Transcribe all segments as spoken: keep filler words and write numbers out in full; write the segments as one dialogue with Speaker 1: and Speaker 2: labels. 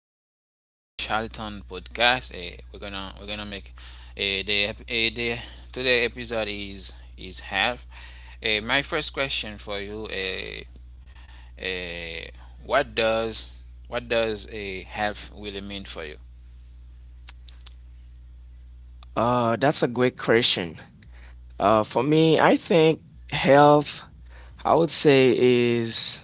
Speaker 1: welcome to Charlton Podcast. Eh, we're gonna we're gonna make eh, the ep- eh, the today episode is is half. Eh, my first question for you, eh, eh, what does what does a half really mean for you?
Speaker 2: Uh, that's a great question. Uh, for me, I think health, I would say is,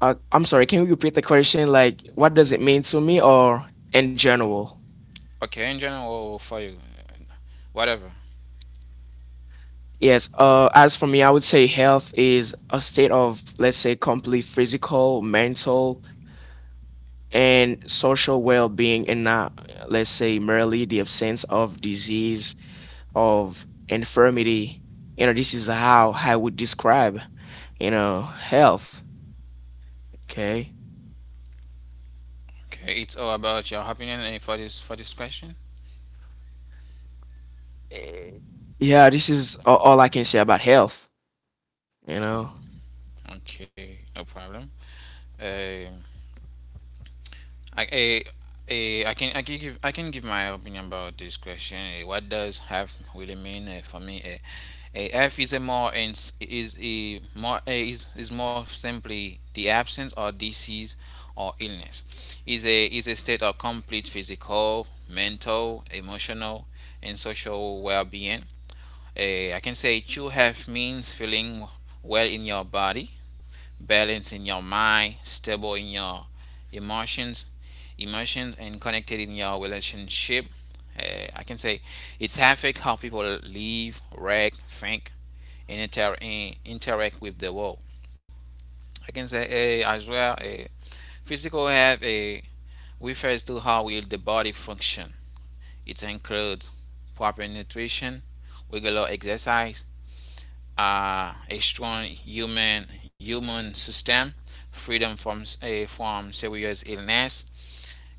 Speaker 2: uh, I'm sorry, can you repeat the question? Like, what does it mean to me or in general?
Speaker 1: Okay, in general or for you, eh, whatever.
Speaker 2: Yes, uh, as for me, I would say health is a state of, let's say, complete physical, mental, and social well being, and not, let's say, merely the absence of disease, of infirmity. You know, this is how I would describe, you know, health. Okay.
Speaker 1: Okay, it's all about your opinion eh, for this for this question.
Speaker 2: Eh, Yeah, this is a- all I can say about health, you know.
Speaker 1: Okay, no problem. Eh, I, eh, eh, I can I can give I can give my opinion about this question. Eh, what does have really mean eh, for me? Eh, eh, F is a more and is a more eh, is is more simply the absence or disease or illness. Is a is a state of complete physical, mental, emotional, and social well-being. Eh, I can say true health means feeling well in your body, balanced in your mind, stable in your emotions, emotions, and connected in your relationship. Uh, I can say it's affect how people live, react, think, and inter- and interact with the world. I can say, uh, as well, uh, physical health uh, refers to how will the body function. It includes proper nutrition, regular exercise, uh, a strong human human system, freedom from s- eh, from serious illness.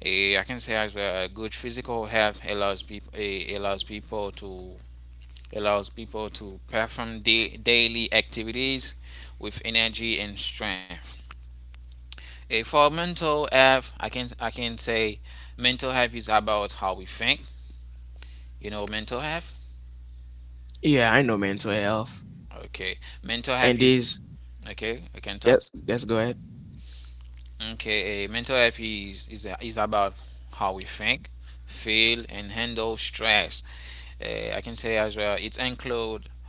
Speaker 1: Eh, I can say as well, a good physical health allows people uh, allows people to allows people to perform da- daily activities with energy and strength. Eh, for mental health, I can I can say mental health is about how we think. You know mental health.
Speaker 2: Yeah, I know mental health.
Speaker 1: Okay, mental
Speaker 2: And
Speaker 1: health
Speaker 2: these
Speaker 1: is okay. I can
Speaker 2: Yes,
Speaker 1: talk.
Speaker 2: yes, go ahead.
Speaker 1: Okay, eh, mental health is, is, is about how we think, feel, and handle stress. Eh, I can say as well, it include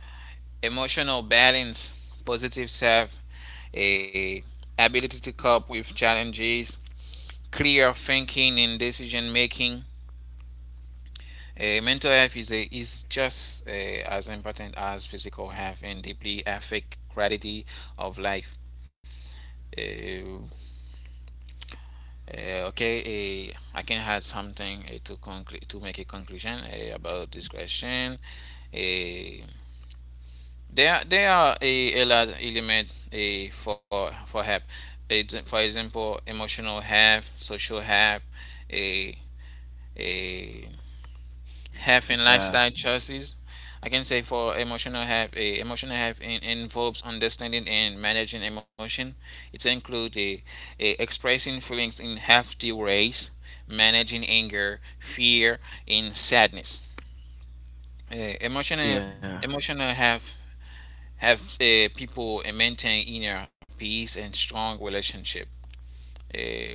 Speaker 1: emotional balance, positive self, a ability to cope with challenges, clear thinking and decision making. Eh, mental health is, a, is just eh, as important as physical health and deeply affect quality of life. Eh, Uh, okay, uh, I can add something uh, to conclude to make a conclusion uh, about this question. Uh, there there are a, a lot element uh, for for help. Ex- for example, emotional help, social help, a uh, health and
Speaker 2: Yeah,
Speaker 1: lifestyle choices. I can say for emotional health, eh, emotional health in, involves understanding and managing emotion. It includes a, expressing feelings in healthy ways, managing anger, fear, and sadness. Eh, emotional
Speaker 2: yeah,
Speaker 1: emotional health helps eh, people eh, maintain inner peace and strong relationship. Eh,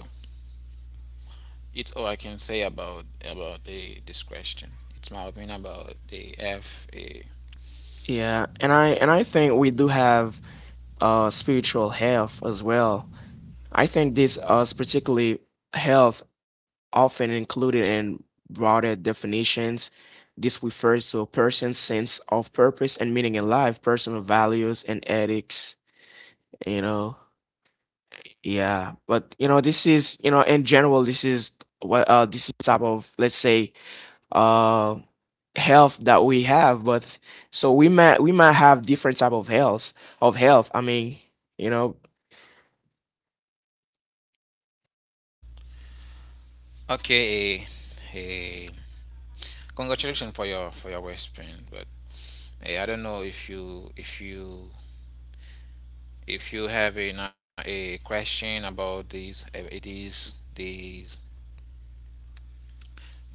Speaker 1: it's all I can say about about the, this question. It's my opinion about the F.
Speaker 2: yeah. And I and I think we do have uh spiritual health as well. I think this uh particularly health often included in broader definitions. This refers to a person's sense of purpose and meaning in life, personal values and ethics, you know. Yeah, but you know, this is, you know, in general, this is what uh this is type of, let's say, uh health that we have, but so we might we might have different type of health of health. I mean, you know,
Speaker 1: Okay, eh, eh, congratulations for your for your wristband, but eh, I don't know if you if you if you have a no- a question about these eh, these these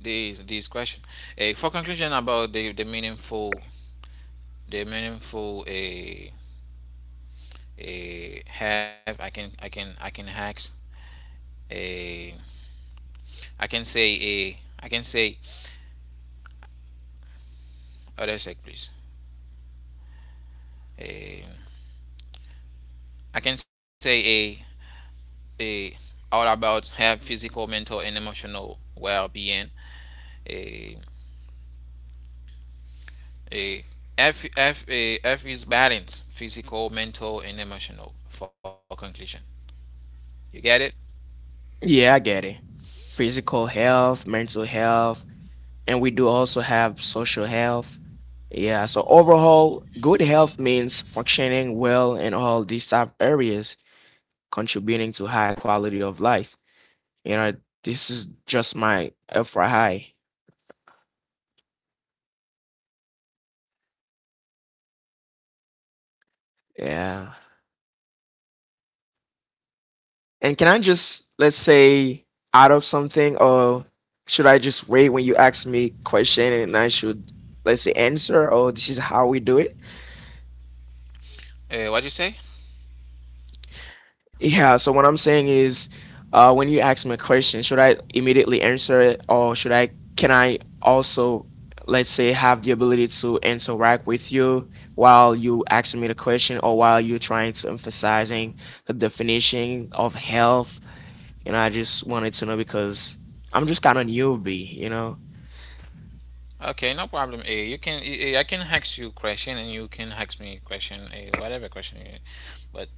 Speaker 1: these these question. Eh, for conclusion about the the meaningful the meaningful a a have I can I can I can hacks a I can say a I can say oh that's sec please. Eh, I can say a a all about health, physical, mental, and emotional well-being. A a F F a F is balance, physical, mental, and emotional. For conclusion, you get it.
Speaker 2: yeah, I get it. Physical health, mental health, and we do also have social health. Yeah, so overall, good health means functioning well in all these type areas, contributing to high quality of life. You know, this is just my F high. Yeah. And can I just, let's say, out of something or should I just wait when you ask me question and I should, let's say, answer, or this is how we do it?
Speaker 1: Uh, what you say?
Speaker 2: Yeah, so what I'm saying is, uh, when you ask me a question, should I immediately answer it, or should I, can I also, let's say, have the ability to interact with you while you asking me the question or while you're trying to emphasizing the definition of health? You know, I just wanted to know because I'm just kind of newbie, you know?
Speaker 1: Okay, no problem. Uh, you can uh, I can ask you question and you can ask me question, uh, whatever question. You, but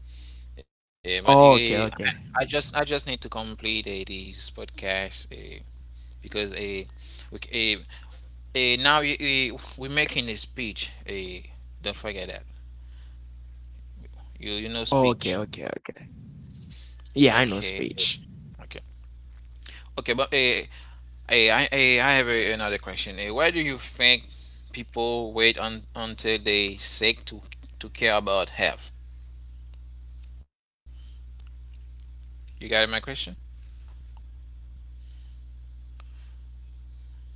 Speaker 1: uh, but uh,
Speaker 2: Oh, okay,
Speaker 1: I
Speaker 2: okay.
Speaker 1: just I just need to complete uh, this podcast uh, because uh, we uh, uh, now uh, we're making a speech. Uh, don't forget that. You you
Speaker 2: Okay,
Speaker 1: know
Speaker 2: okay,
Speaker 1: speech.
Speaker 2: okay. Yeah, I know
Speaker 1: Okay.
Speaker 2: speech.
Speaker 1: Okay. Okay, but eh, eh, I eh, I have eh, another question. Eh, why do you think people wait on until they sick to to care about health? You got my question?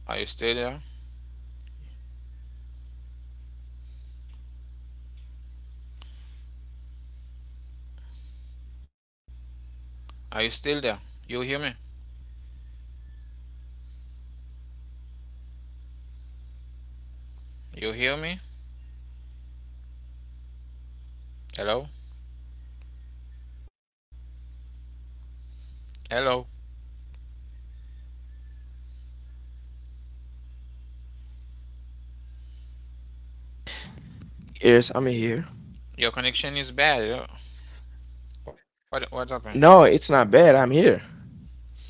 Speaker 1: Are you still there? Are you still there? You hear me? You hear me? Hello? Hello?
Speaker 2: Yes, I'm here.
Speaker 1: Your connection is bad. Yeah. What what's happened?
Speaker 2: No, it's not bad. I'm here.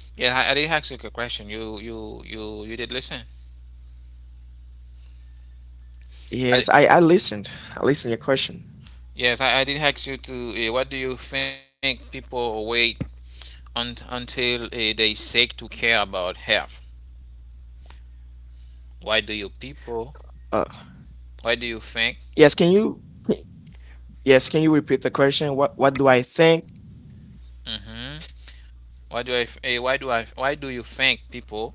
Speaker 1: Yeah, I, I did ask you a question. You you you you did listen. I did,
Speaker 2: Yes, I I listened. I listened to your question.
Speaker 1: yes, I, I did ask you to. Eh, what do you think people wait un- until uh, they seek to care about health. Why do you people?
Speaker 2: Uh,
Speaker 1: Why do you think?
Speaker 2: yes, can you? can- Yes, can you repeat the question? What What do I think?
Speaker 1: Mhm. Why do I? Eh, why do I? Why do you think people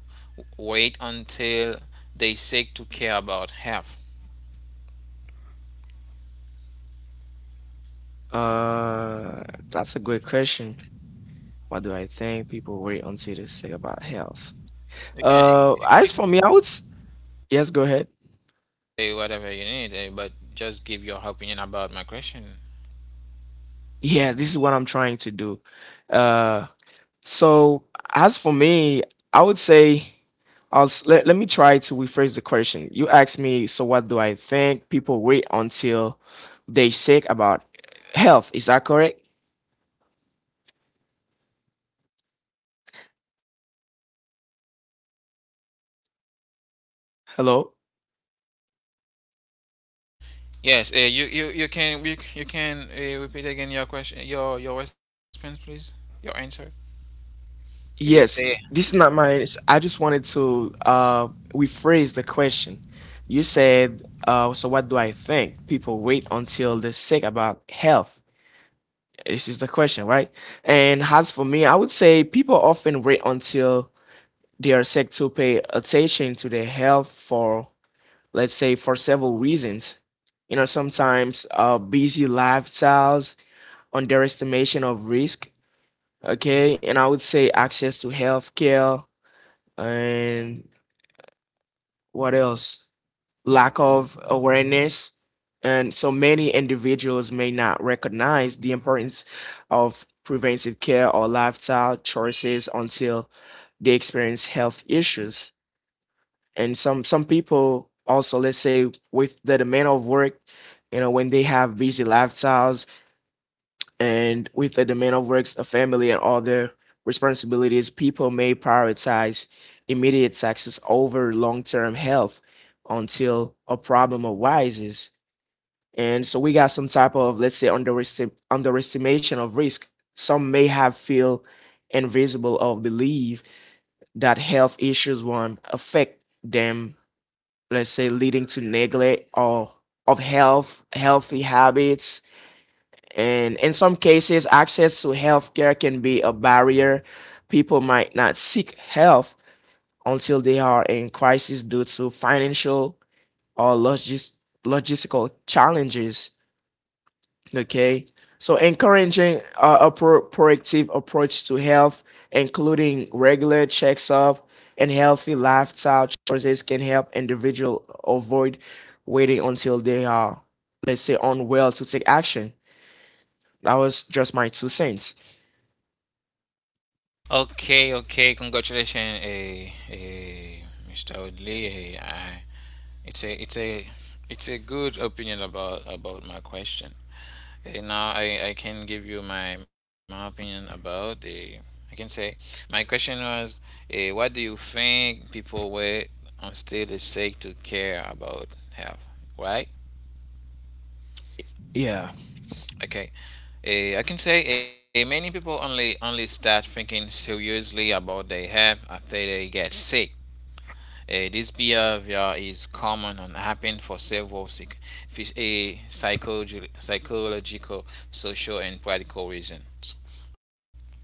Speaker 1: wait until they seek to care about health?
Speaker 2: Uh, that's a good question. What do I think people worry until they say about health?
Speaker 1: You can
Speaker 2: Uh,
Speaker 1: you,
Speaker 2: as
Speaker 1: you
Speaker 2: for me,
Speaker 1: can
Speaker 2: I would. s- Yes, go ahead.
Speaker 1: say whatever you need, eh, but just give your opinion about my question.
Speaker 2: Yes, this is what I'm trying to do. Uh, So as for me, I would say I'll s- let, let me try to rephrase the question. You asked me, so what do I think? People wait until they sick about health. Is that correct? Hello?
Speaker 1: Yes, uh, you, you you can you, you can uh, repeat again your question, your your response, please. Your answer. You did say.
Speaker 2: Yes. This is not my answer. I just wanted to uh rephrase the question. You said, uh, so what do I think? People wait until they're sick about health. This is the question, right? And as for me, I would say people often wait until they are said to pay attention to their health for, let's say, for several reasons. You know, sometimes uh, busy lifestyles, underestimation of risk, okay, and I would say access to healthcare and what else? Lack of awareness. And so many individuals may not recognize the importance of preventive care or lifestyle choices until they experience health issues. And some some people also, let's say, with the demand of work, you know, when they have busy lifestyles and with the demand of works, the family, and all their responsibilities, people may prioritize immediate success over long-term health until a problem arises. And so we got some type of, let's say, underestim- underestimation of risk. Some may have feel invisible or believe that health issues won't affect them, let's say, leading to neglect or of health healthy habits. And in some cases access to healthcare can be a barrier. People might not seek health until they are in crisis due to financial or logis- logistical challenges. Okay. So encouraging uh, a pro- proactive approach to health, including regular checks up and healthy lifestyle choices, can help individual avoid waiting until they are, let's say, unwell to take action. That was just my two cents.
Speaker 1: Okay, okay. Congratulations, eh, eh, Mister Woodley. Eh, I, it's a, it's a, it's a good opinion about about my question. Eh, now I, I can give you my my opinion about the. I can say, my question was, eh, what do you think people were on still is sick to care about health, right?
Speaker 2: Yeah.
Speaker 1: Okay. Eh, I can say eh, many people only only start thinking seriously about their health after they get sick. Uh, this behavior is common and happens for several psych- phys- eh, psychological, social, and practical reasons.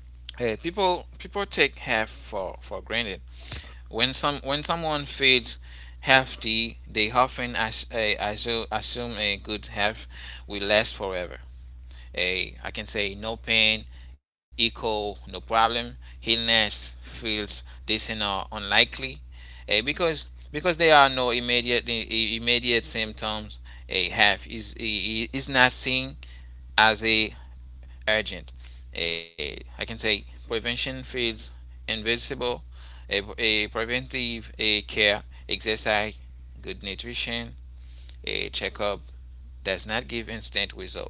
Speaker 1: Eh, people people take health for, for granted. When some when someone feels healthy, they often as, eh, assume a good health will last forever. A I can say no pain, echo, no problem, illness feels distant or unlikely, eh, because because there are no immediate eh, immediate symptoms. A have is eh, is not seen as a urgent. Eh, I can say prevention feels invincible. A, a preventive a care, exercise, good nutrition, a checkup does not give instant result.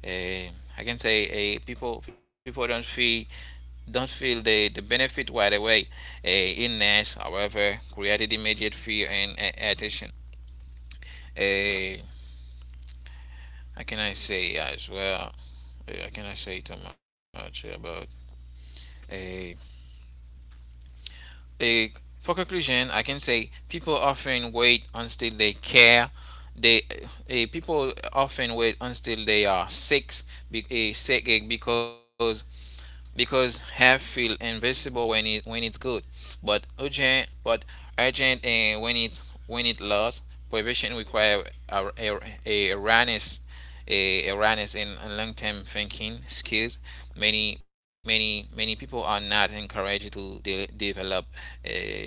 Speaker 1: uh, I can say uh, people people don't feel don't feel the, the benefit right away. Uh, illness, however, created immediate fear and uh, attention. Uh, how can I say as well? Uh, I cannot say too much about a a. For conclusion, I can say people often wait until they care. They uh, people often wait until they are sick, be, uh, sick uh, because because half feel invisible when it when it's good, but urgent but urgent uh, when it's when it lost. Prevention require a, a, a awareness, a awareness and long term thinking skills. Many many many people are not encouraged to de- develop. A,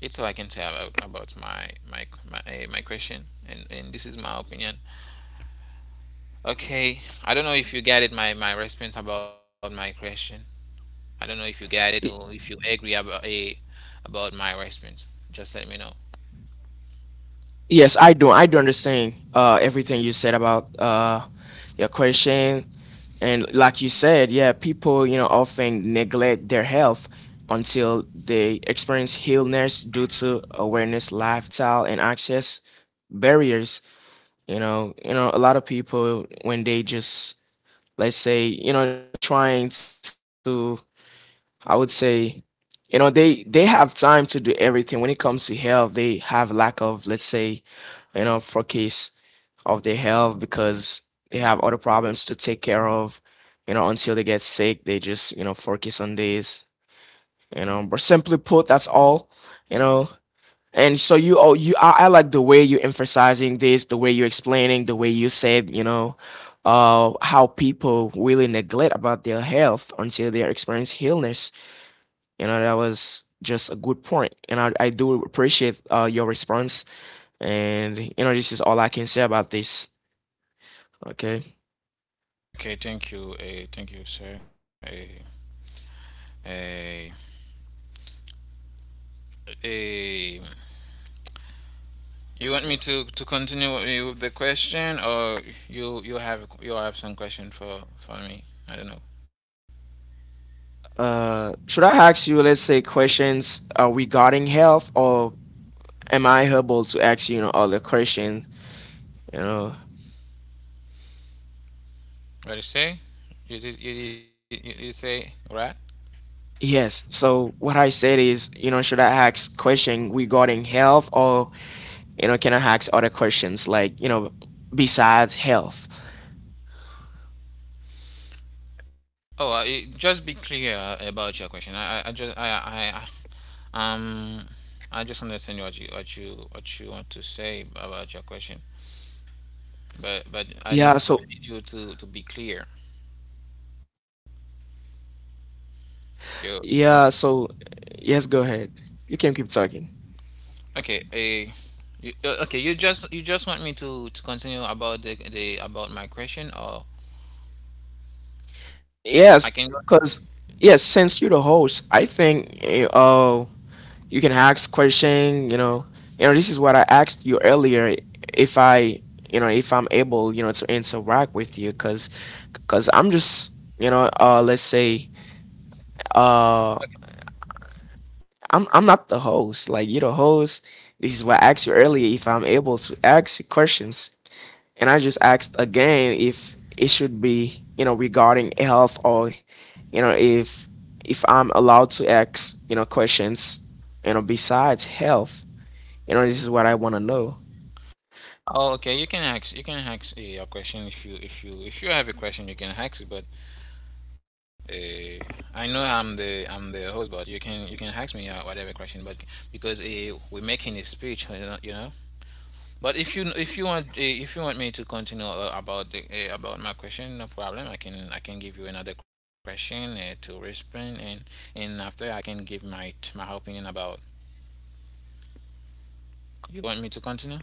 Speaker 1: it's all I can say about, about my my my, uh, my question, and, and this is my opinion. Okay, I don't know if you get it my my response about my question. I don't know if you get it or if
Speaker 2: Y-
Speaker 1: you agree about a about my response. Just let me know.
Speaker 2: Yes, I do. I do understand uh, everything you said about uh, your question. And like you said, yeah, people, you know, often neglect their health until they experience illness due to awareness, lifestyle, and access barriers. You know, you know, a lot of people when they just, let's say, you know, they trying to, I would say, you know, they they have time to do everything. When it comes to health, they have lack of, let's say, you know, focus of their health because they have other problems to take care. You know, until they get sick, they just, you know, focus on this. You know, but simply put, that's all. You know, and so you oh you I, I like the way you're emphasizing this, the way you're explaining, the way you said, you know, uh how people really neglect about their health until they experience illness. You know, that was just a good point, and i, I do appreciate uh, your response, and you know this is all I can say about this. Okay.
Speaker 1: Okay, thank you. Uh, thank you, sir. Uh, uh, uh, you want me to, to continue with the question, or you you have you have some question for for me? I don't know.
Speaker 2: Uh, should I ask you, let's say, questions uh, regarding health, or am I able to ask you, you know, other questions? You know,
Speaker 1: What do you say? You did you did, you did say, right?
Speaker 2: yes. So what I said is, you know, should I ask question regarding health, or you know, can I ask other questions like, you know, besides health?
Speaker 1: Oh, uh, eh, just be clear about your question. I I, I just I, I I um I just understand what you what you what you want to say about your question. but but I
Speaker 2: Yeah.
Speaker 1: need,
Speaker 2: So
Speaker 1: I need you to to be clear. You you want-
Speaker 2: yeah. So yes, go ahead. You can keep talking.
Speaker 1: okay? A you, uh, okay. You just you just want me to to continue about the the about my question, or I can. go-
Speaker 2: Yes, because yes, since you're the host, I think eh, uh you can ask question, you know, you know this is what I asked you earlier, if I, you know, if I'm able, you know, to interact with you, because because I'm just, you know, uh let's say,
Speaker 1: Okay.
Speaker 2: uh i'm i'm not the host, like you're the host. This is what I asked you earlier, if I'm able to ask you questions. And I just asked again if it should be, you know, regarding health, or you know, if if I'm allowed to ask, you know, questions, you know, besides health. You know, this is what I want to know.
Speaker 1: Oh, okay. You can ask. You can ask uh, your question if you if you if you have a question, you can ask it, But uh, I know I'm the I'm the host, but you can you can ask me uh, whatever question. But because uh, we're making a speech, you know. You know? But if you if you want eh, if you want me to continue uh, about the uh, about my question, no problem. I can I can give you another question uh, to respond, and and after I can give my my opinion about. You want me to continue?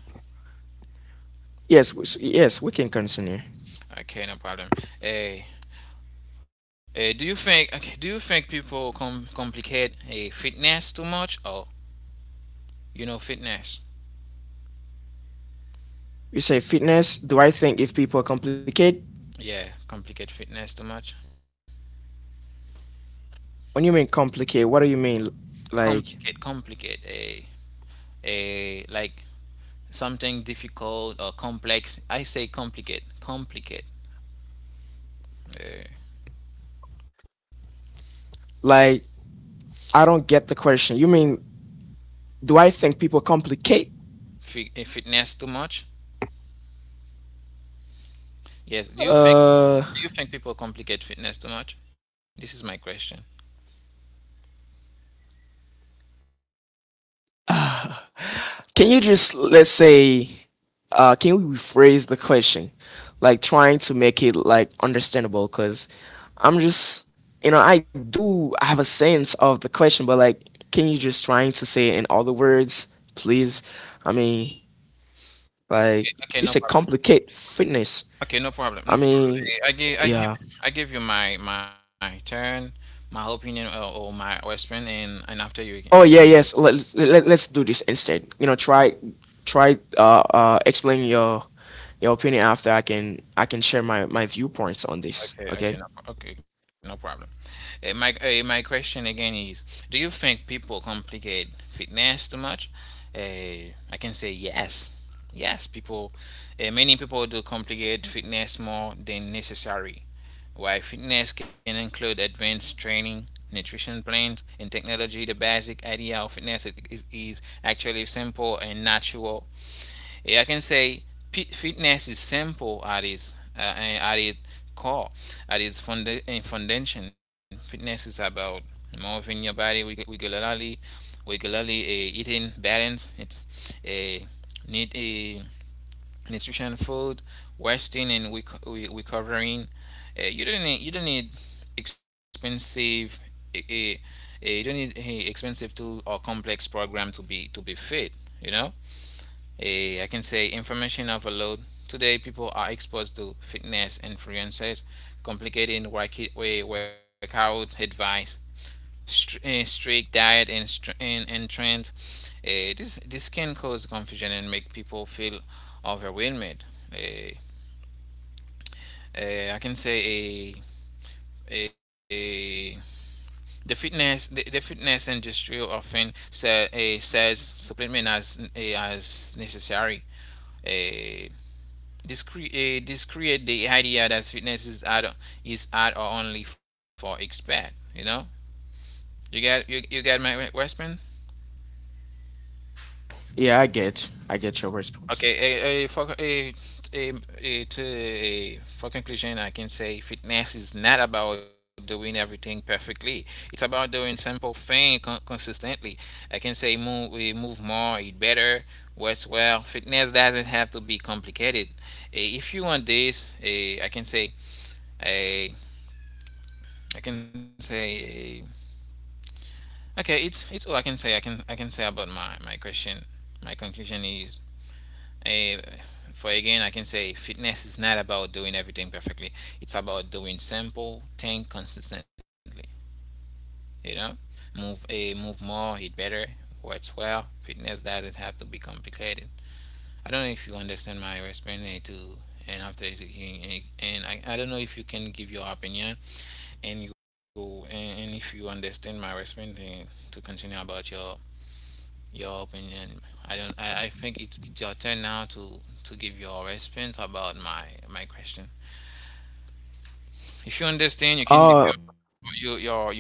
Speaker 2: Yes, w- s- yes, we can continue.
Speaker 1: Okay, no problem. Uh, uh, do you think okay, do you think people com- complicate uh, fitness too much? Or you know fitness?
Speaker 2: You say fitness. Do I think if people complicate?
Speaker 1: Yeah, complicate fitness too much.
Speaker 2: When you mean complicate, what do you mean? Like,
Speaker 1: Complicate, complicate. A, a Like something difficult or complex. I say complicate, complicate uh,
Speaker 2: like I don't get the question. You mean do I think people complicate?
Speaker 1: fi- uh, fitness too much. Yes. Do you think
Speaker 2: Uh,
Speaker 1: do you think people complicate fitness too much? This is my question.
Speaker 2: Can you just, let's say, uh, can we rephrase the question, like trying to make it like understandable? Cause I'm just, you know, I do have a sense of the question, but like, can you just trying to say it in all words, please? I mean, like
Speaker 1: Okay, okay,
Speaker 2: you
Speaker 1: no
Speaker 2: say,
Speaker 1: problem.
Speaker 2: complicate fitness.
Speaker 1: Okay, no problem.
Speaker 2: I
Speaker 1: No problem.
Speaker 2: mean,
Speaker 1: Eh, I give I give
Speaker 2: yeah.
Speaker 1: I give you my my turn, my opinion uh, or, or my response, and and after you, you can
Speaker 2: Oh
Speaker 1: give.
Speaker 2: yeah, yes. Let's let, let's do this instead. You know, try try uh uh explain your your opinion, after I can I can share my my viewpoints on this. Okay?
Speaker 1: Okay, okay, no, pro- okay, no problem. Uh, my uh, my question again is, do you think people complicate fitness too much? Uh, I can say yes, yes. People, uh, many people do complicate fitness more than necessary. While fitness can include advanced training, nutrition plans, and technology, the basic idea of fitness i- is, is actually simple and natural. Yeah, I can say fitness is simple at its uh, eh, at its core, at its eh, foundation. Fitness is about moving your body reg- regularly, regularly uh, eating balanced, uh, need a uh, nutrition food, resting and recovering. Uh, you don't need you don't need expensive. Uh, uh, uh, you don't need eh, expensive tool or complex program to be to be fit. You know a I can say information overload. Today, people are exposed to fitness influences, complicated eh, workout advice, eh, strict diet and, and, and trend. Eh, this this can cause confusion and make people feel overwhelmed. Eh, eh, I can say a a the fitness the, the fitness industry often say, eh, says supplement as eh, as necessary. Uh, This, create this create the idea that fitness is at is at or only for expert. You know, you got you, you got my Westman.
Speaker 2: Yeah, I get I get your response.
Speaker 1: Okay. A uh, for a t- um, uh, uh, For conclusion, I can say fitness is not about doing everything perfectly. It's about doing simple thing con- consistently. I can say move uh, move more, eat better, works well. Fitness doesn't have to be complicated. Uh, if you want this, uh, I can say uh, I can say. Eh, Okay, it's it's all I can say. I can I can say about my my question. My conclusion is, uh, for again, I can say fitness is not about doing everything perfectly. It's about doing simple thing consistently. You know, move a move more, eat better, works well. Fitness doesn't have to be complicated. I don't know if you understand my response to, and after hearing, and I, I don't know if you can give your opinion, and you, and, and if you understand my response eh, to continue about your your opinion. I don't. I, I think it's, it's your turn now to to give your response about my my question. If you understand, you can give
Speaker 2: Oh,
Speaker 1: your your your, your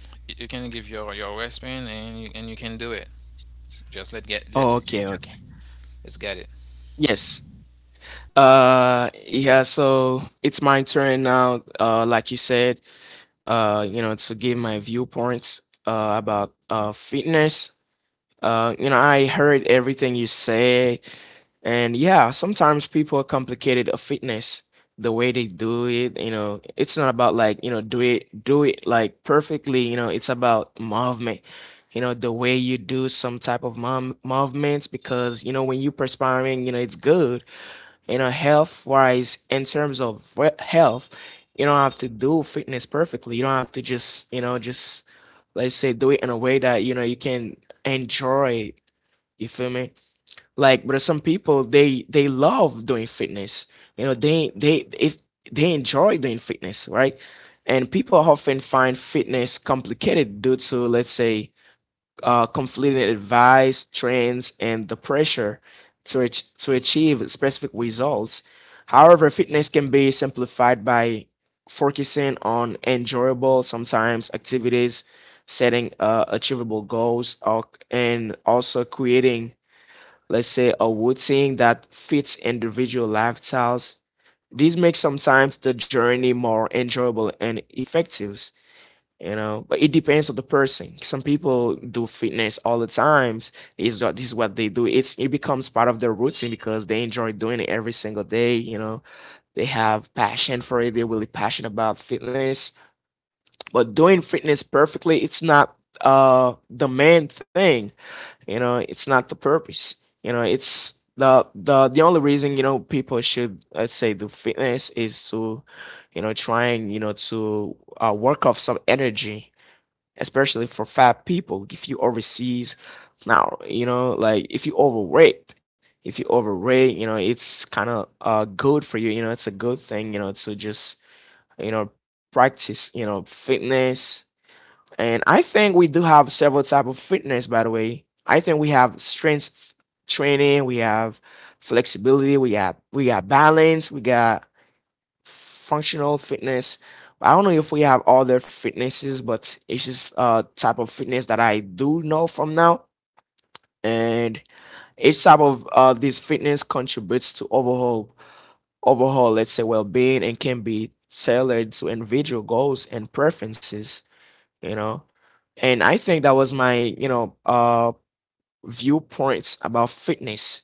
Speaker 1: you can give your your response, and you, and you can do it. Just let get let
Speaker 2: oh okay,
Speaker 1: just
Speaker 2: okay.
Speaker 1: let's get it.
Speaker 2: Yes. Uh yeah, so it's my turn now. Uh like you said, uh you know, to give my viewpoints uh about uh fitness. Uh you know, I heard everything you said. And yeah, sometimes people complicate a fitness, the way they do it. You know, it's not about like, you know, do it do it like perfectly, you know, it's about movement. You know, the way you do some type of mom movements, because, you know, when you perspiring, you know, it's good. You know, health wise, in terms of we- health, you don't have to do fitness perfectly. You don't have to just, you know, just, let's say, do it in a way that, you know, you can enjoy it. You feel me? Like, but some people they they love doing fitness. You know, they they, if they enjoy doing fitness, right? And people often find fitness complicated due to, let's say, uh, conflicting advice, trends, and the pressure to ach- to achieve specific results. However, fitness can be simplified by focusing on enjoyable sometimes activities, setting uh, achievable goals, or, and also creating, let's say, a routine that fits individual lifestyles. This makes sometimes the journey more enjoyable and effective, you know, but it depends on the person. Some people do fitness all the times. Is what This is what they do. It's, it becomes part of their routine because they enjoy doing it every single day, you know. They have passion for it, they're really passionate about fitness. But doing fitness perfectly, it's not uh the main thing you know It's not the purpose you know It's the the the only reason you know people should let's say do fitness is to you know trying you know to uh, work off some energy, especially for fat people. If you overseas now, you know like if you overweight, if you overweight you know it's kind of uh good for you. You know It's a good thing you know to just you know practice you know fitness. And I think we do have several type of fitness, by the way. I think we have strength training, we have flexibility, we have we got balance, we got functional fitness. I don't know if we have other fitnesses, but it's just a type of fitness that I do know from now. And each type of uh, this fitness contributes to overall overall, let's say, well-being and can be tailored to individual goals and preferences. you know and I think that was my you know uh viewpoints about fitness.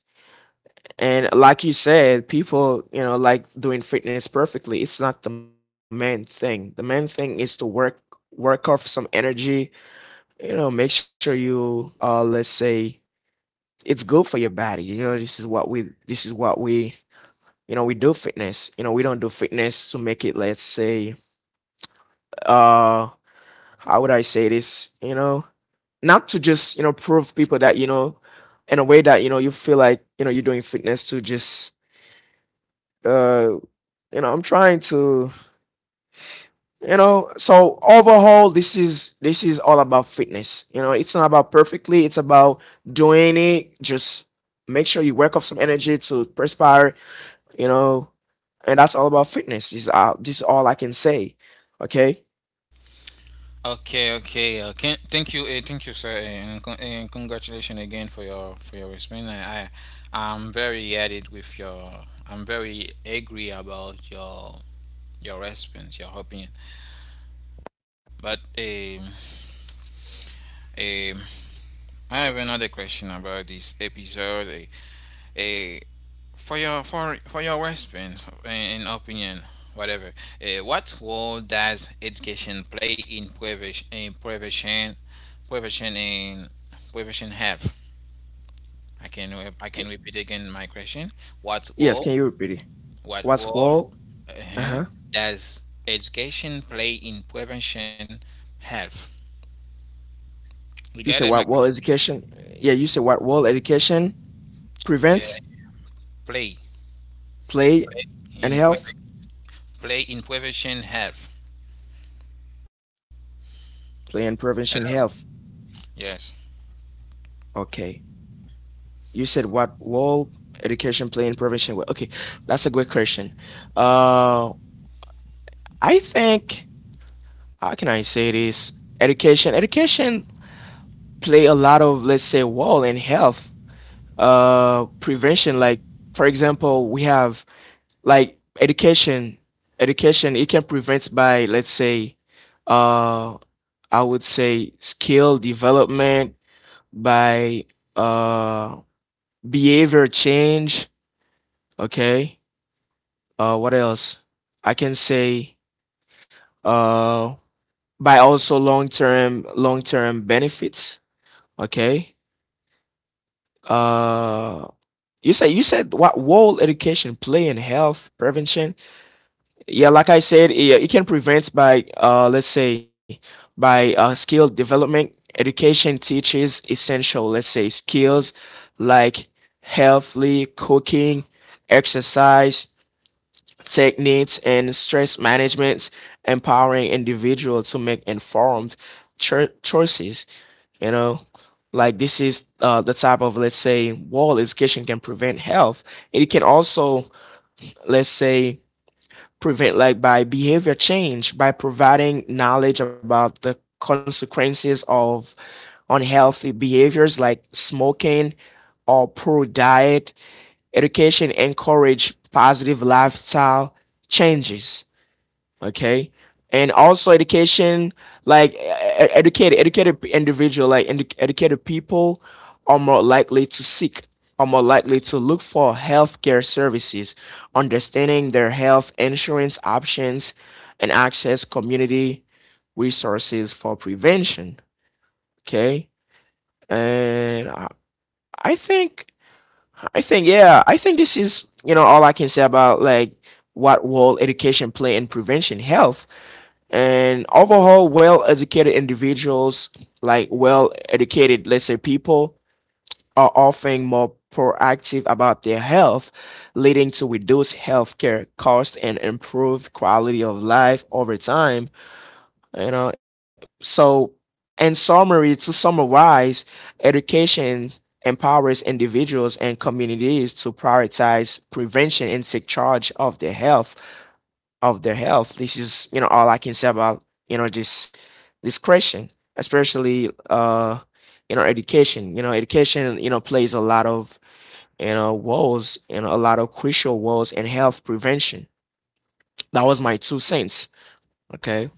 Speaker 2: And like you said, people, you know like, doing fitness perfectly, it's not the main thing. The main thing is to work work off some energy you know Make sure you uh let's say, it's good for your body you know This is what we this is what we you know we do fitness. You know we don't do fitness to make it, let's say, uh how would I say this you know Not to just you know prove people that you know in a know you feel like you know you're doing fitness to just uh you know I'm trying to you know so overall, this is this is all about fitness. You know it's not about perfectly, it's about doing it. Just make sure you work off some energy to perspire. you know and that's all about fitness. This is uh, this is all I can say. Okay.
Speaker 1: Okay, okay. Uh, can, thank you, uh, thank you, sir, eh, and, con- and congratulations again for your for your response. I, I I'm very added with your. I'm very angry about your your response, your opinion. But um, um, I have another question about this episode. Eh, a For your for for your response and opinion, whatever. Eh, what role does education play in prevention in prevention prevention in prevention health? I can re- I can
Speaker 2: K-
Speaker 1: repeat again my question. What
Speaker 2: yes,
Speaker 1: role
Speaker 2: can you repeat it?
Speaker 1: what
Speaker 2: What's
Speaker 1: role
Speaker 2: whole
Speaker 1: uh
Speaker 2: uh-huh
Speaker 1: does education play in prevention health? You got
Speaker 2: You
Speaker 1: it,
Speaker 2: said
Speaker 1: my
Speaker 2: what?
Speaker 1: question.
Speaker 2: Well, education. Yeah, you said what? Well, education
Speaker 1: Yeah,
Speaker 2: prevents,
Speaker 1: play
Speaker 2: play
Speaker 1: play in
Speaker 2: and
Speaker 1: preven
Speaker 2: health.
Speaker 1: play in prevention health.
Speaker 2: Play and prevention health.
Speaker 1: Hello. Yes.
Speaker 2: Okay. You said what? Well, education, play and prevention. Well, okay, that's a good question. Uh, I think, how can I say this? Education, education play a lot of, let's say, role in health uh prevention. Like, for example, we have, like, education education, it can prevent by, let's say, uh I would say skill development, by uh behavior change. Okay. uh what else I can say? uh by also long-term long-term benefits. Okay. uh you say, you said what role education play in health prevention? Yeah, like I said, yeah, it can prevent by, uh, let's say, by uh, skill development. Education teaches essential, let's say, skills like healthy cooking, exercise, techniques, and stress management, empowering individuals to make informed cho- choices. You know, like, this is uh, the type of, let's say, wall education can prevent health. It can also, let's say, prevent, like, by behavior change, by providing knowledge about the consequences of unhealthy behaviors like smoking or poor diet. Education encourage positive lifestyle changes. Okay. And also education, like, e- e- educated, educated individual, like edu- educated people are more likely to seek are more likely to look for healthcare services, understanding their health insurance options, and access community resources for prevention. Okay. and i, I think, i think yeah I think this is, you know, all I can say about, like, what role education play in prevention health. And overall, well educated individuals, like well educated let's say, people, are often more proactive about their health, leading to reduced healthcare costs and improved quality of life over time. you know so, in summary, to summarize, education empowers individuals and communities to prioritize prevention and take charge of their health of their health. This is, you know, all I can say about, you know, this this question, especially uh you know, education. You know, education, you know, plays a lot of, you know, roles, you know, a lot of crucial roles in health prevention. That was my two cents. Okay.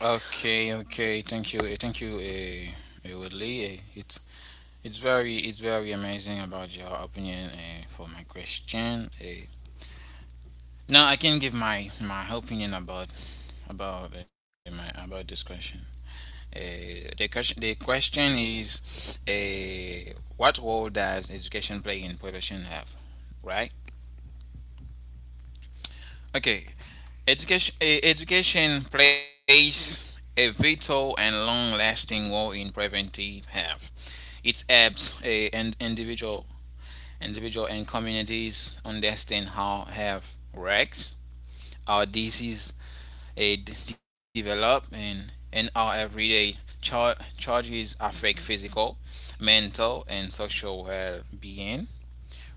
Speaker 1: Okay, okay. Thank you. eh, Thank you, eh, eh, Woodley. Eh, It's it's very it's very amazing about your opinion eh, for my question. Eh, Now I can give my my opinion about about eh, my about this question. Eh, the question the question is, eh, what role does education play in prevention have? Right? Okay. Education, eh, education plays a vital and long-lasting role in preventive health. It helps eh, an individual, individual and communities understand how health works, how disease eh, d- develop, and, and how everyday char- charges affect physical, mental, and social well-being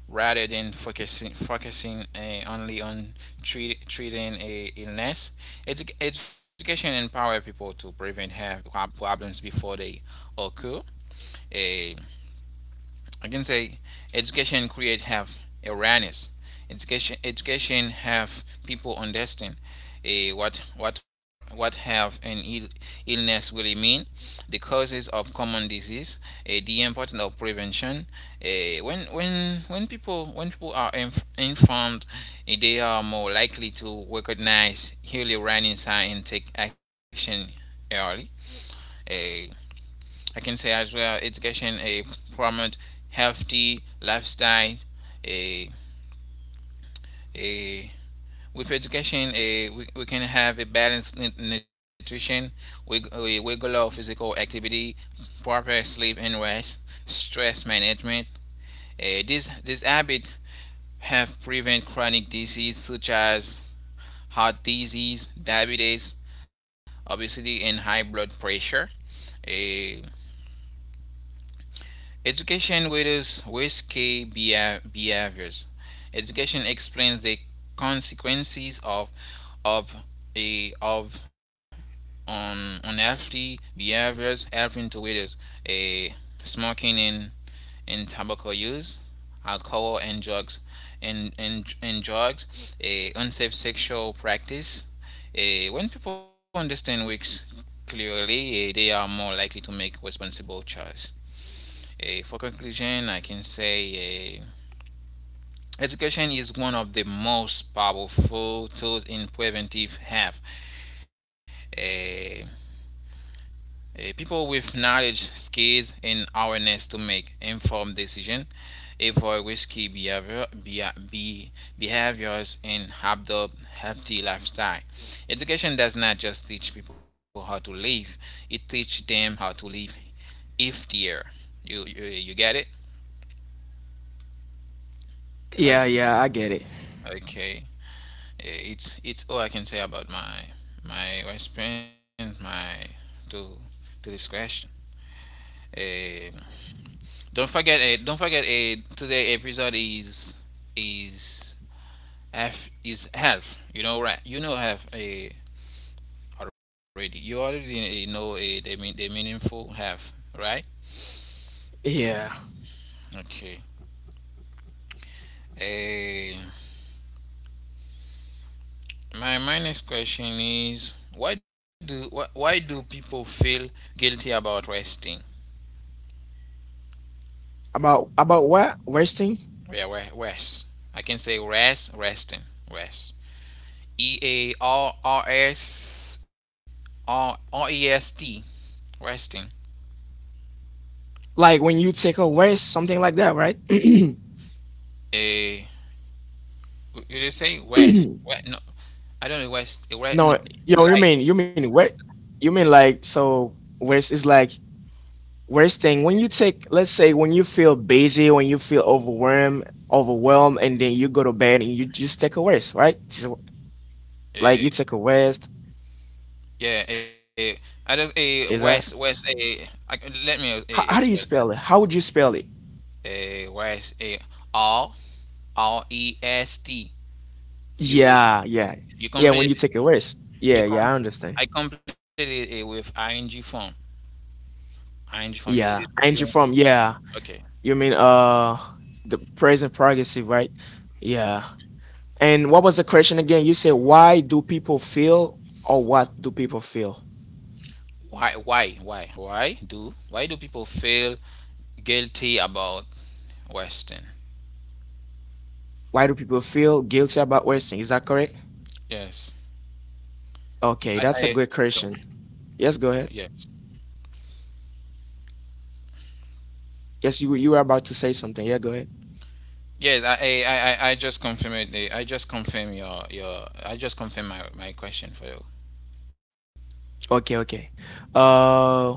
Speaker 1: rather than focusing focusing uh, only on treat, treating a illness. Edu- education empower people to prevent health problems before they occur. Uh, I can say education create have awareness. Education education have people understand eh, what what what have an Ill, illness really mean, the causes of common disease, eh, the importance of prevention. Eh, when when when people when people are inf- informed, eh, they are more likely to recognize early warning signs and take action early. Uh, I can say as well, education a promote healthy lifestyle. A a With education, a we, we can have a balanced nu- nutrition, we a regular physical activity, proper sleep and rest, stress management. Uh, this this habit have prevent chronic disease such as heart disease, diabetes, obesity, and high blood pressure. Eh, Education widows risky behaviors. Education explains the consequences of of a of un, unhealthy behaviors, helping to widows a smoking and, and tobacco use, alcohol and drugs and, and, and drugs, a unsafe sexual practice. A, when people understand risks clearly, eh, they are more likely to make responsible choices. Eh, for conclusion, I can say, eh, education is one of the most powerful tools in preventive health. Eh, eh, People with knowledge, skills, and awareness to make informed decisions, avoid risky behavior, be, behaviors, and adopt healthy lifestyle. Education does not just teach people how to live; it teaches them how to live healthier. You, you you get it?
Speaker 2: Yeah, yeah, I get it.
Speaker 1: Okay. it's it's all I can say about my my response, my to to this question. Um, don't forget uh, don't forget uh, today episode is is F is health. You know, right? You know, have a already. You already uh, know uh, the mean the meaningful health, right?
Speaker 2: Yeah.
Speaker 1: Okay. Eh, my my next question is, why do why, why do people feel guilty about resting?
Speaker 2: About about what, resting?
Speaker 1: Yeah, re- rest. I can say rest, resting, rest. E A R R S R R E S T, resting.
Speaker 2: Like when you take a rest, something like that, right? No,
Speaker 1: A You just say rest.
Speaker 2: you
Speaker 1: Wet, no, I don't know west. A no,
Speaker 2: know, you
Speaker 1: like
Speaker 2: mean, you mean what? You mean like so? Rest is like worst thing, when you take, let's say, when you feel busy, when you feel overwhelmed, overwhelmed, and then you go to bed and you just take a rest, right? So, like,
Speaker 1: a
Speaker 2: you take a rest.
Speaker 1: yeah a I don't a west
Speaker 2: Is
Speaker 1: west
Speaker 2: that,
Speaker 1: a. I, Let me uh,
Speaker 2: how, how do
Speaker 1: explain
Speaker 2: you
Speaker 1: that.
Speaker 2: spell it? How would you spell it?
Speaker 1: A Rest. A R R E S T. You
Speaker 2: Yeah,
Speaker 1: you,
Speaker 2: yeah,
Speaker 1: you
Speaker 2: yeah. When you
Speaker 1: completed
Speaker 2: take a rest.
Speaker 1: you
Speaker 2: Yeah,
Speaker 1: com
Speaker 2: yeah. I understand.
Speaker 1: I completed it with ing form. Ing form. You
Speaker 2: Yeah, and you
Speaker 1: you
Speaker 2: from, yeah.
Speaker 1: Okay.
Speaker 2: You mean uh the present progressive, right? Yeah. And what was the question again? You said, why do people feel, or what do people feel?
Speaker 1: Why why why why do why do people feel guilty about Western?
Speaker 2: Why do people feel guilty about wasting? Is that correct?
Speaker 1: Yes.
Speaker 2: Okay,
Speaker 1: I,
Speaker 2: that's a
Speaker 1: I
Speaker 2: good question. Yes,
Speaker 1: Yeah.
Speaker 2: go ahead. Yes, you you were about to say something. Yeah, go ahead.
Speaker 1: Yes, I, I, I, I I just confirm it. eh, I just confirm your your I just confirm my, my question for you.
Speaker 2: Okay, okay. Uh,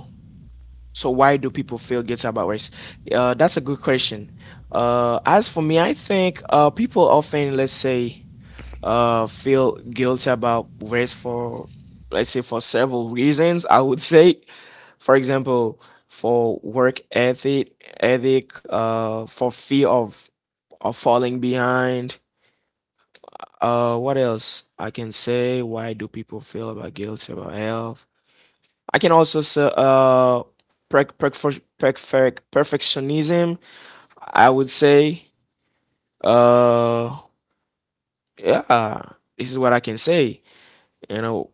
Speaker 2: so why do people feel guilty about race? Uh, that's a good question. Uh, as for me, I think uh people often, let's say, uh feel guilty about race for, let's say, for several reasons, I would say. For example, for work ethic, ethic, uh, for fear of of falling behind. Uh, what else I can say? Why do people feel about guilty about health? I can also say uh, perf perf perf perfectionism. I would say, uh, yeah, this is what I can say. You know,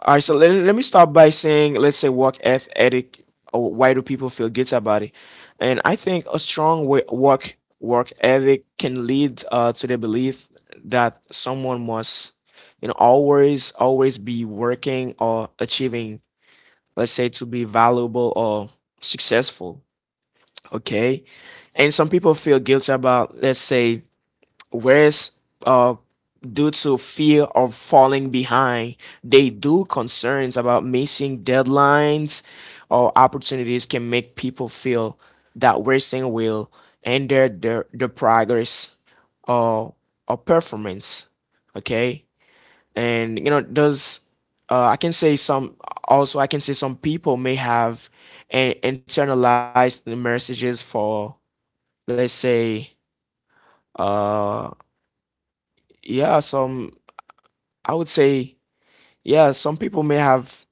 Speaker 2: all right, so, let, let me start by saying, let's say, work eth- ethic, or why do people feel guilty about it? And I think a strong wo- work work ethic can lead, uh, to the belief that someone must, you know, always always be working or achieving, let's say, to be valuable or successful. Okay. And some people feel guilty about, let's say, whereas uh due to fear of falling behind, they do concerns about missing deadlines or opportunities can make people feel that wasting will hinder their, their progress or or performance. Okay. And you know, does, uh, I can say some, also I can say, some people may have in- internalized messages for, let's say, uh yeah, some, I would say, yeah, some people may have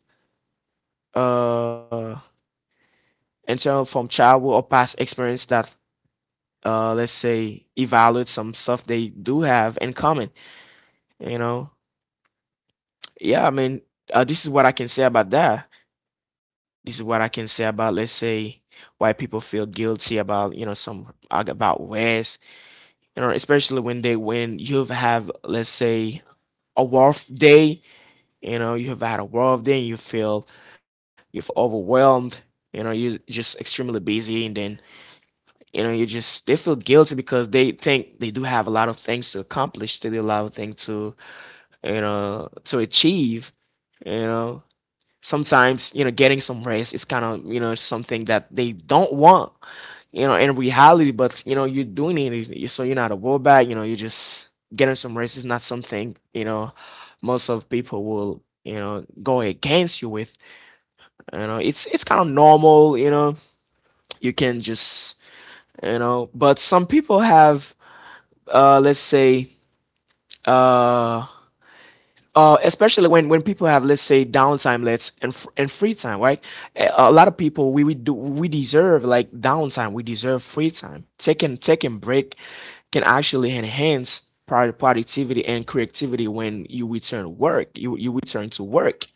Speaker 2: uh internal from childhood or past experience that uh let's say evaluate some stuff they do have in common, you know. Yeah, I mean, uh, this is what I can say about that. This is what I can say about, let's say, why people feel guilty about, you know, some ag- about rest, you know, especially when they when you have, let's say, a work day. You know, you have had a rough day, you feel, you feel overwhelmed, you know, you're just extremely busy, and then, you know, you just they feel guilty because they think they do have a lot of things to accomplish. They do a of things to, you know, to achieve. You know, sometimes, you know, getting some rest is kind of, you know, something that they don't want, you know, in reality, but you know, you're doing it, so you're not a back. You know, you're just getting some races. Not something, you know, most of people will, you know, go against you with. Know, it's it's kind of normal, you know, you can just, you know, but some people have, uh, let's say, uh, uh, especially when, when people have, let's say, downtime, let's and, f- and free time, right? A a lot of people, we, we do, we deserve like downtime, we deserve free time. Taking taking break can actually enhance productivity and creativity when you return work, you, you return to work.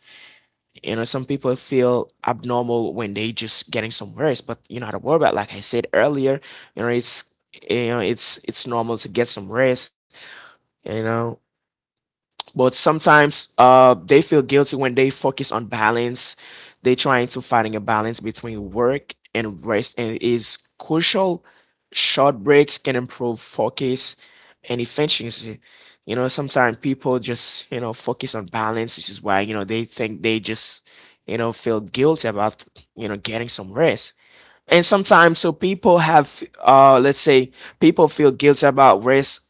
Speaker 2: You know, some people feel abnormal when they just getting some rest, but you know how to worry about, like I said earlier, you know, it's, you know, it's it's normal to get some rest, you know. But sometimes, uh they feel guilty when they focus on balance. They trying to finding a balance between work and rest, and it is crucial. Short breaks can improve focus and efficiency. You know, sometimes people just, you know, focus on balance. This is why, you know, they think they just, you know, feel guilty about, you know, getting some rest. And sometimes, so people have, uh let's say, people feel guilty about risk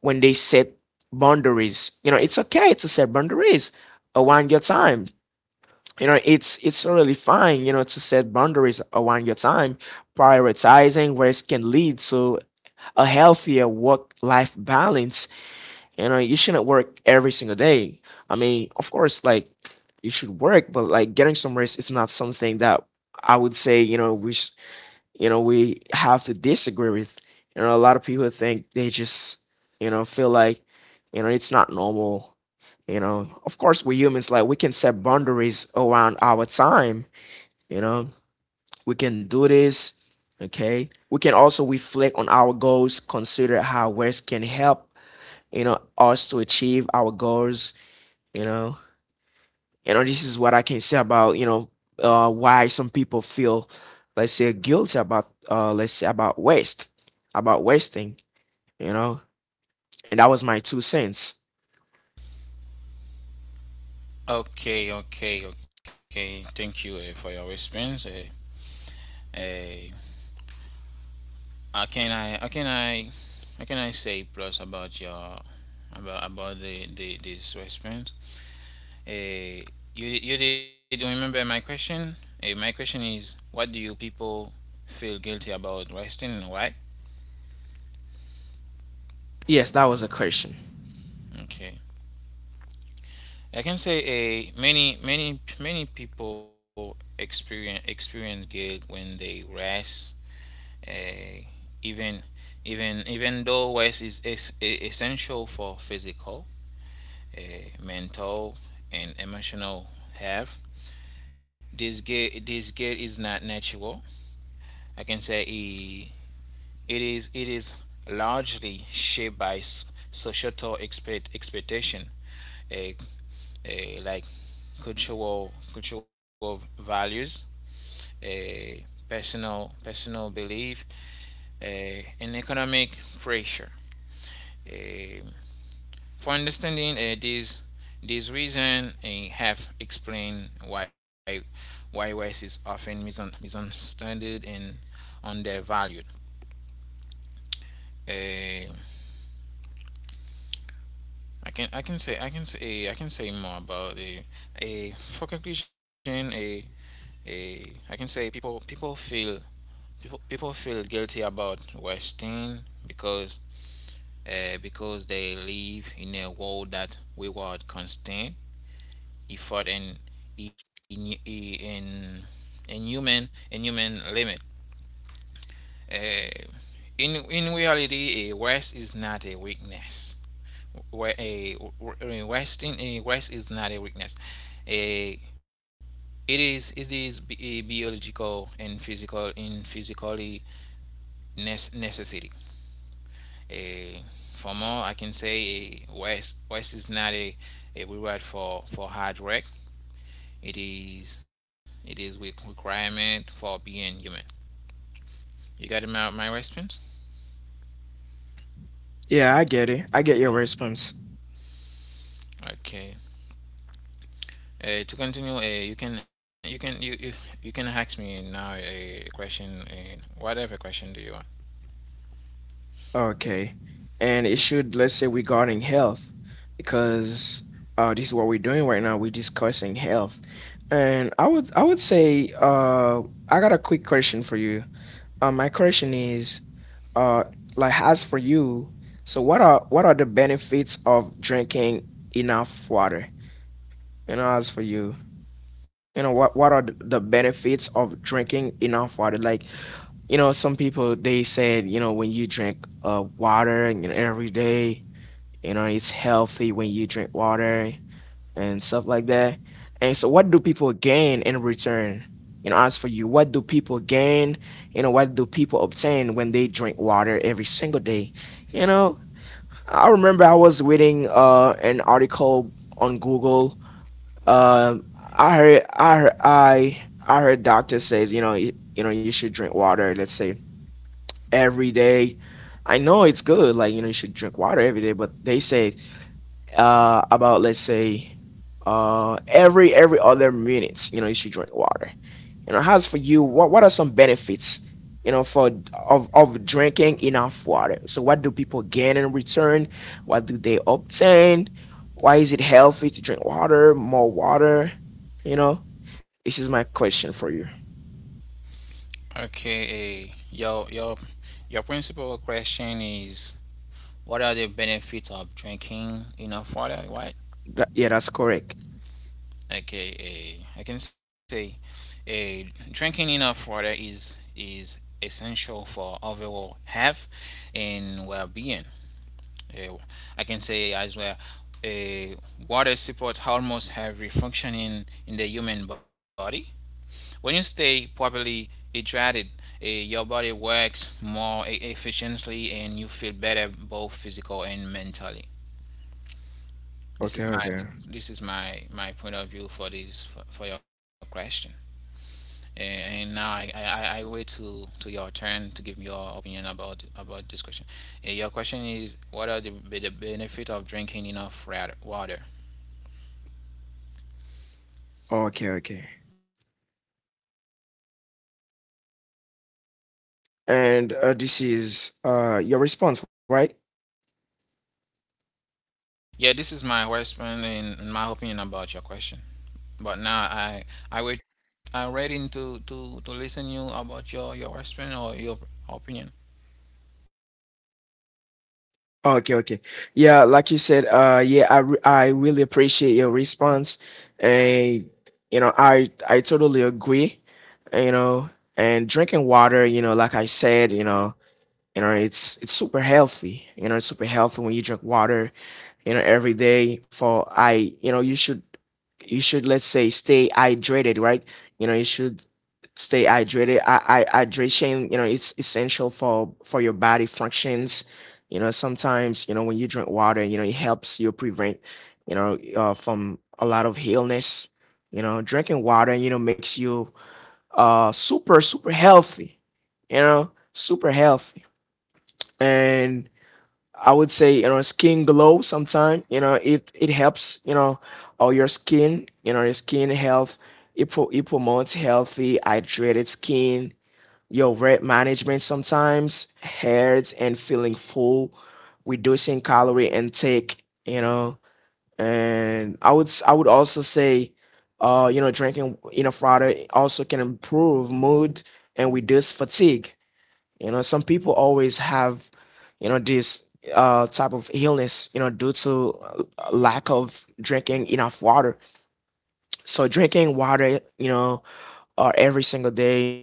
Speaker 2: when they set boundaries. You know, it's okay to set boundaries around your time. You know, it's it's really fine, you know, to set boundaries around your time. Prioritizing risk can lead to a healthier work life balance. You know, you shouldn't work every single day. I mean, of course, like, you should work, but like, getting some rest is not something that I would say, you know, we, you know, we have to disagree with. You know, a lot of people think they just, you know, feel like, you know, it's not normal. You know, of course, we humans, like, we can set boundaries around our time, you know, we can do this. Okay, we can also reflect on our goals, consider how words can help, you know, us to achieve our goals. You know, you know, this is what I can say about, you know, uh, why some people feel, let's say, guilty About uh, let's say about waste, about wasting. You know and that was my two cents.
Speaker 1: Okay, okay, okay. Thank you, uh, for your response. Uh, uh, how can I how can I how can I say plus about your about about the, the this response? Uh, you you did remember my question? Uh, my question is, what do you people feel guilty about wasting and why?
Speaker 2: Yes, that was a question.
Speaker 1: Okay, I can say a many many many people experience experience guilt when they rest. Uh, even Even even though rest is es- e- essential for physical, uh, mental, and emotional health. This guilt this guilt is not natural. I can say, eh, It is it is largely shaped by societal expect, expectation, a, a like cultural cultural values, a personal personal belief, a, and economic pressure. Eh, for understanding, uh, these these reasons, eh, have explained why why rice is often misun- misunderstood and undervalued. Eh, I can I can say I can say I can say more about, a a for conclusion, a a I can say people people feel people, people feel guilty about wasting because uh, because they live in a world that reward constant effort and in in in human in human limit. Uh, in in reality, a waste is not a weakness. Where a resting a Rest is not a weakness. A it is it is b- a biological and physical in physically nes- necessity. A For more I can say, a rest rest is not a, a reward for for hard work. It is it is re- requirement for being human. You got my my response?
Speaker 2: Yeah, I get it, I get your response.
Speaker 1: Okay. Uh, to continue, uh, you can you can you, you you can ask me now a question, and whatever question do you want.
Speaker 2: Okay, and it should, let's say, regarding health, because uh, this is what we're doing right now, we're discussing health. And i would i would say, uh, I got a quick question for you. uh, my question is, uh like, as for you, so what are what are the benefits of drinking enough water? You know, as for you, you know, what what are th- the benefits of drinking enough water? Like, you know, some people they said, you know, when you drink uh water, you know, every day, you know, it's healthy when you drink water and stuff like that. And so what do people gain in return? You know, as for you, what do people gain, you know, what do people obtain when they drink water every single day? You know, I remember I was reading uh, an article on Google. Um, I heard, I heard, I I heard doctor says, you know, you, you know you should drink water. Let's say every day. I know it's good, like, you know, you should drink water every day, but they say uh, about, let's say, uh, every every other minutes, you know, you should drink water. You know, as for you, what what are some benefits, you know, for of of drinking enough water? So what do people gain in return? What do they obtain? Why is it healthy to drink water, more water? You know, this is my question for you.
Speaker 1: Okay, uh, your your your principal question is, what are the benefits of drinking enough water, right?
Speaker 2: That, yeah, that's correct.
Speaker 1: Okay, uh, I can say, uh, drinking enough water is is essential for overall health and well-being. Uh, I can say as well, uh, water supports almost every function in in the human body. When you stay properly hydrated, eh, your body works more e- efficiently and you feel better both physical and mentally. This is
Speaker 2: Okay,
Speaker 1: my
Speaker 2: okay.
Speaker 1: this is my my point of view for this for, for your question. Eh, And now I, I, I I wait to to your turn to give me your opinion about about this question. Eh, Your question is, what are the, be- the benefit of drinking enough ra- water?
Speaker 2: Okay, okay. And uh, this is uh your response, right?
Speaker 1: Yeah, this is my response In and my opinion about your question. But now I I wait I'm ready to to to listen you about your your response or your opinion.
Speaker 2: Okay, okay. Yeah, like you said, uh yeah, I re- I really appreciate your response. And you know, I I totally agree, you know, and drinking water, you know, like I said, you know, you know it's it's super healthy, you know, it's super healthy when you drink water, you know, every day. For i, you know, you should you should, let's say, stay hydrated, right? You know, you should stay hydrated. I, I hydration, you know, it's essential for for your body functions. You know, sometimes, you know, when you drink water, you know, it helps you prevent, you know, uh, from a lot of illness. You know, drinking water, you know, makes you uh super super healthy, you know, super healthy. And I would say, you know, skin glow sometime, you know, it it helps, you know, all your skin, you know, your skin health. It, pro- it promotes healthy hydrated skin, your weight management sometimes, hurts and feeling full, reducing calorie intake, you know. And I would s- I would also say uh you know, drinking enough water also can improve mood and reduce fatigue. You know, some people always have, you know, this uh type of illness, you know, due to uh, lack of drinking enough water. So drinking water, you know, uh, every single day,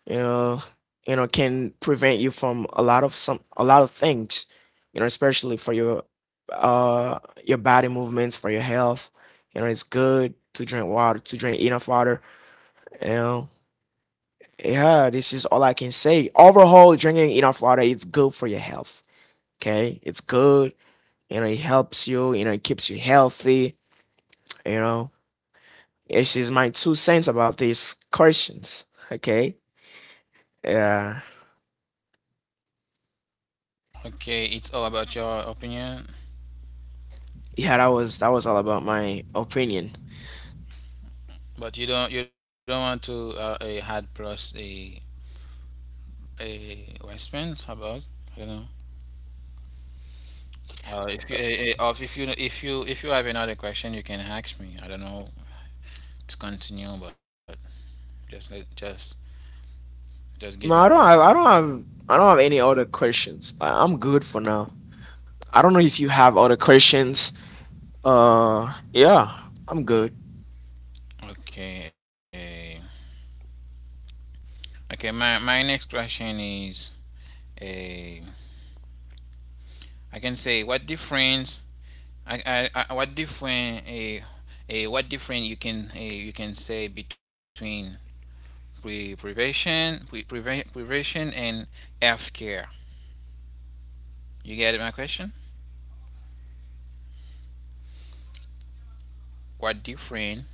Speaker 2: you know, you know, can prevent you from a lot of some a lot of things, you know, especially for your uh your body movements, for your health. You know, it's good to drink water, to drink enough water, you know. Yeah, this is all I can say. Overall, drinking enough water, it's good for your health. Okay, it's good. You know, it helps you. You know, it keeps you healthy. You know, this is my two cents about these questions. Okay. Yeah.
Speaker 1: Okay, it's all about your opinion,
Speaker 2: Yeah. That was that was all about my opinion.
Speaker 1: but you don't you don't want to uh, a add plus a a response about, I don't know. Or if you eh, eh, or if you if you if you have another question, you can ask me. I don't know, to continue, but just let just just give
Speaker 2: No, I
Speaker 1: your
Speaker 2: don't have. I don't have. I don't have any other questions. I- I'm good for now. I don't know if you have other questions. Uh, yeah, I'm good.
Speaker 1: okay. eh. Okay. my my next question is, a I can say, what difference, I, I, I what different, a a what different you can, a, you can say between pre prevention pre prevention and health care. You get my question? What different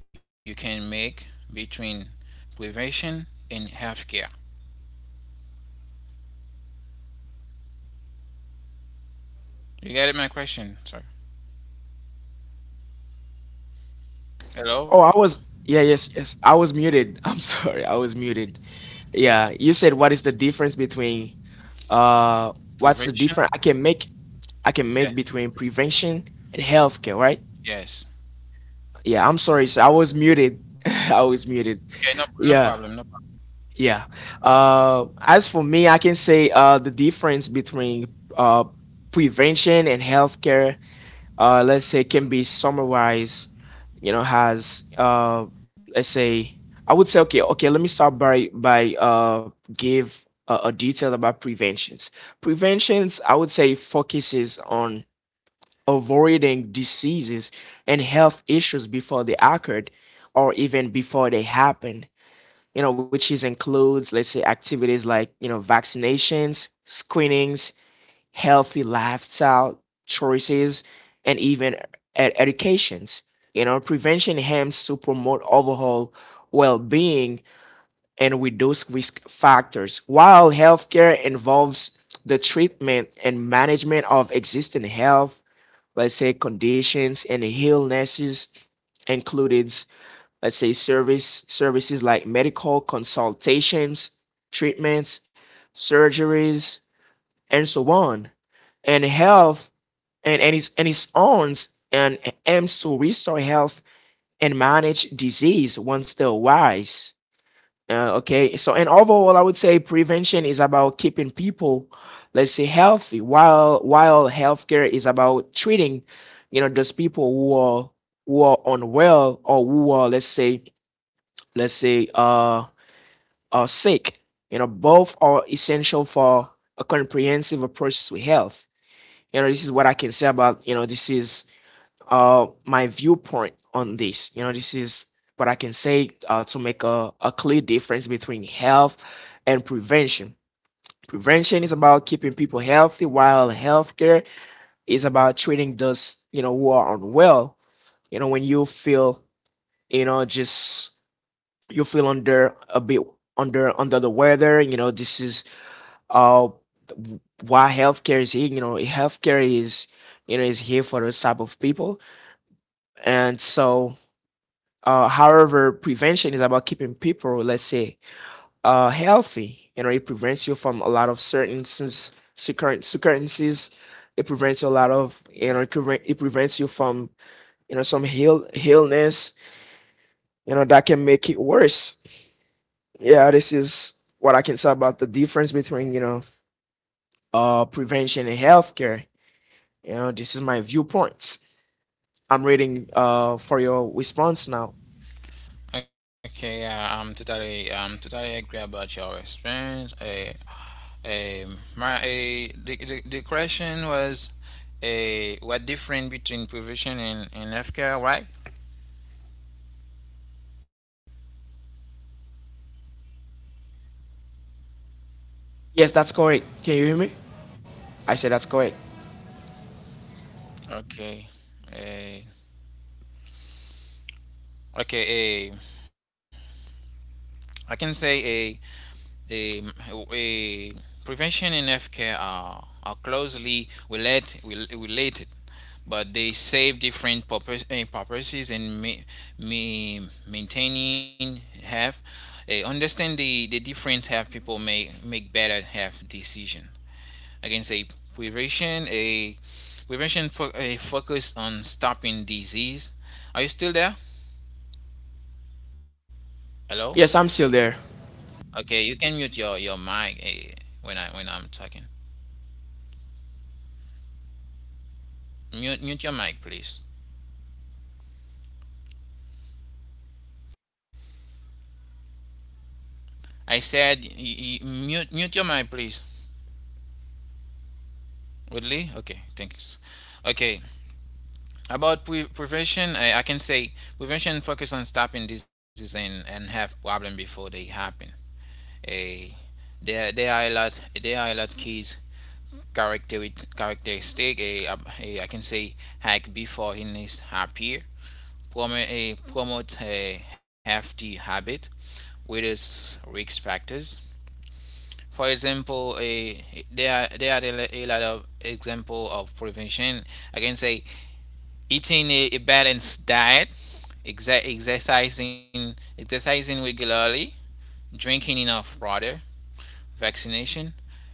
Speaker 1: you can make between prevention and health care? You get my question, sir? Hello?
Speaker 2: Oh, I was. Yeah, yes, yes. I was muted. I'm sorry. I was muted. Yeah, you said what is the difference between uh what's the
Speaker 1: Prevention?
Speaker 2: difference I can make, I can
Speaker 1: Yeah,
Speaker 2: make between prevention and healthcare, right?
Speaker 1: yes.
Speaker 2: Yeah, I'm sorry, so I was muted. I was
Speaker 1: Okay,
Speaker 2: muted.
Speaker 1: no, no problem, no
Speaker 2: Yeah,
Speaker 1: problem.
Speaker 2: yeah. Uh as for me, I can say uh the difference between uh prevention and healthcare, uh, let's say, can be summarized, you know, has uh, let's say, I would say okay, okay, let me start by by uh, give a, a detail about preventions. Preventions, I would say, focuses on avoiding diseases and health issues before they occurred, or even before they happen. You know, which is includes, let's say, activities like, you know, vaccinations, screenings, healthy lifestyle choices, and even e-, ed- educations. You know, prevention aims to promote overall well-being and reduce risk factors, while healthcare involves the treatment and management of existing health, let's say, conditions and illnesses, included, let's say, service services like medical consultations, treatments, surgeries, and so on. And health and, and, its, and its owns and aims to restore health and manage disease once they arise. Uh, okay, so and overall, I would say prevention is about keeping people, let's say, healthy, while while healthcare is about treating, you know, those people who are, who are unwell, or who are, let's say, let's say, uh are sick. You know, both are essential for a comprehensive approach to health. You know, this is what I can say about, you know, this is uh my viewpoint on this. You know, this is what I can say uh, to make a, a clear difference between health and prevention. Prevention is about keeping people healthy, while healthcare is about treating those, you know, who are unwell. You know, when you feel, you know, just you feel under a bit, under under the weather. You know, this is uh why healthcare is here. You know, healthcare is, you know, is here for those type of people, and so. Uh, however, prevention is about keeping people, let's say, uh, healthy. You know, it prevents you from a lot of certain sins- secur- security. It prevents you a lot of, you know, it prevent- it prevents you from, you know, some ill illness, you know, that can make it worse. Yeah, this is what I can say about the difference between, you know, uh, prevention and healthcare. You know, this is my viewpoint. I'm reading uh, for your response now.
Speaker 1: Okay, yeah, I'm totally, I'm totally agree about your experience. Uh, Um, my uh, the, the the question was, uh, what difference between prevention and and healthcare, right?
Speaker 2: Yeah, that's correct. Yes, that's correct. Can you hear me? I said that's correct.
Speaker 1: Okay. Uh, okay. Uh, I can say, a uh, a, prevention and healthcare are are closely relate, rel- related, but they serve different purpose, eh, purposes in ma- ma- maintaining health. Eh, understand the the different health people may make better health decision. Against a prevention a prevention for a focus on stopping disease. Are you still there? Hello?
Speaker 2: Yes, I'm still there.
Speaker 1: Okay, you can mute your your mic, eh, when I when I'm talking. Mute mute your mic, please. I said y- y- mute mute your mic, please. Woodley? Okay, thanks. Okay, about pre- prevention, I, I can say prevention focus on stopping disease and, and have problem before they happen. Eh, there there are a lot, there are a lot keys characteristic. a, a, a, I can say hack before in his appear, promote a promote a hefty habit with its risk factors. For example, a there are there are a a lot of example of prevention. I can say eating a, a balanced diet, exa- exercising exercising regularly, drinking enough water, vaccination.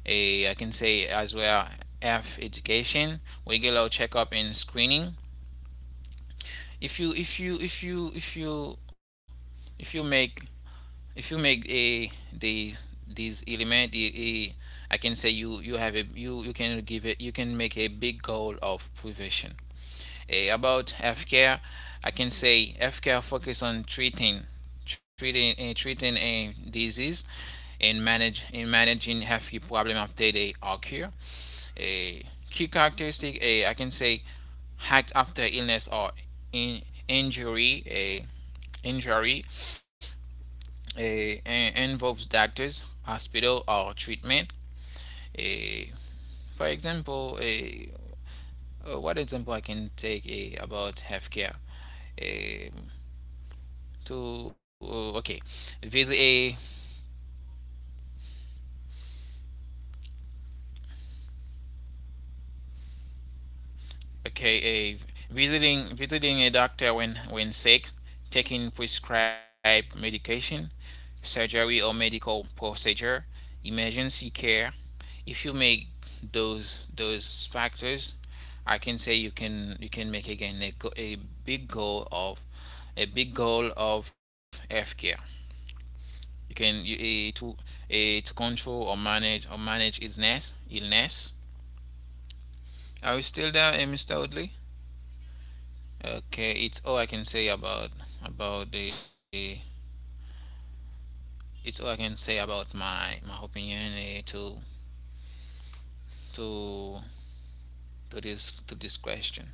Speaker 1: A I can say as well, F education, regular checkup and screening. If you if you if you if you if you make, if you make a the these element. a, a, I can say you you have a you you can give it, you can make a big goal of prevention. Eh, about health care, I can say health care focus on treating treating eh, treating a disease, and manage in managing health problem after they occur. A key characteristic, eh, I can say, act after illness or in injury. eh, injury uh, Involves doctors, hospital, or treatment. Uh, for example, uh, uh, what example I can take uh, about healthcare? Um to uh, okay, visit a okay, a visiting Visiting a doctor when when sick, taking prescribed medication, surgery or medical procedure, emergency care. If you make those those factors, I can say you can you can make again, a, a big goal of a big goal of healthcare. You can you, eh, to eh, to Control or manage or manage illness illness. Are you still there, eh, Mister Audley? Okay, it's all I can say about about the it's all I can say about my my opinion, eh, to to to this to this question.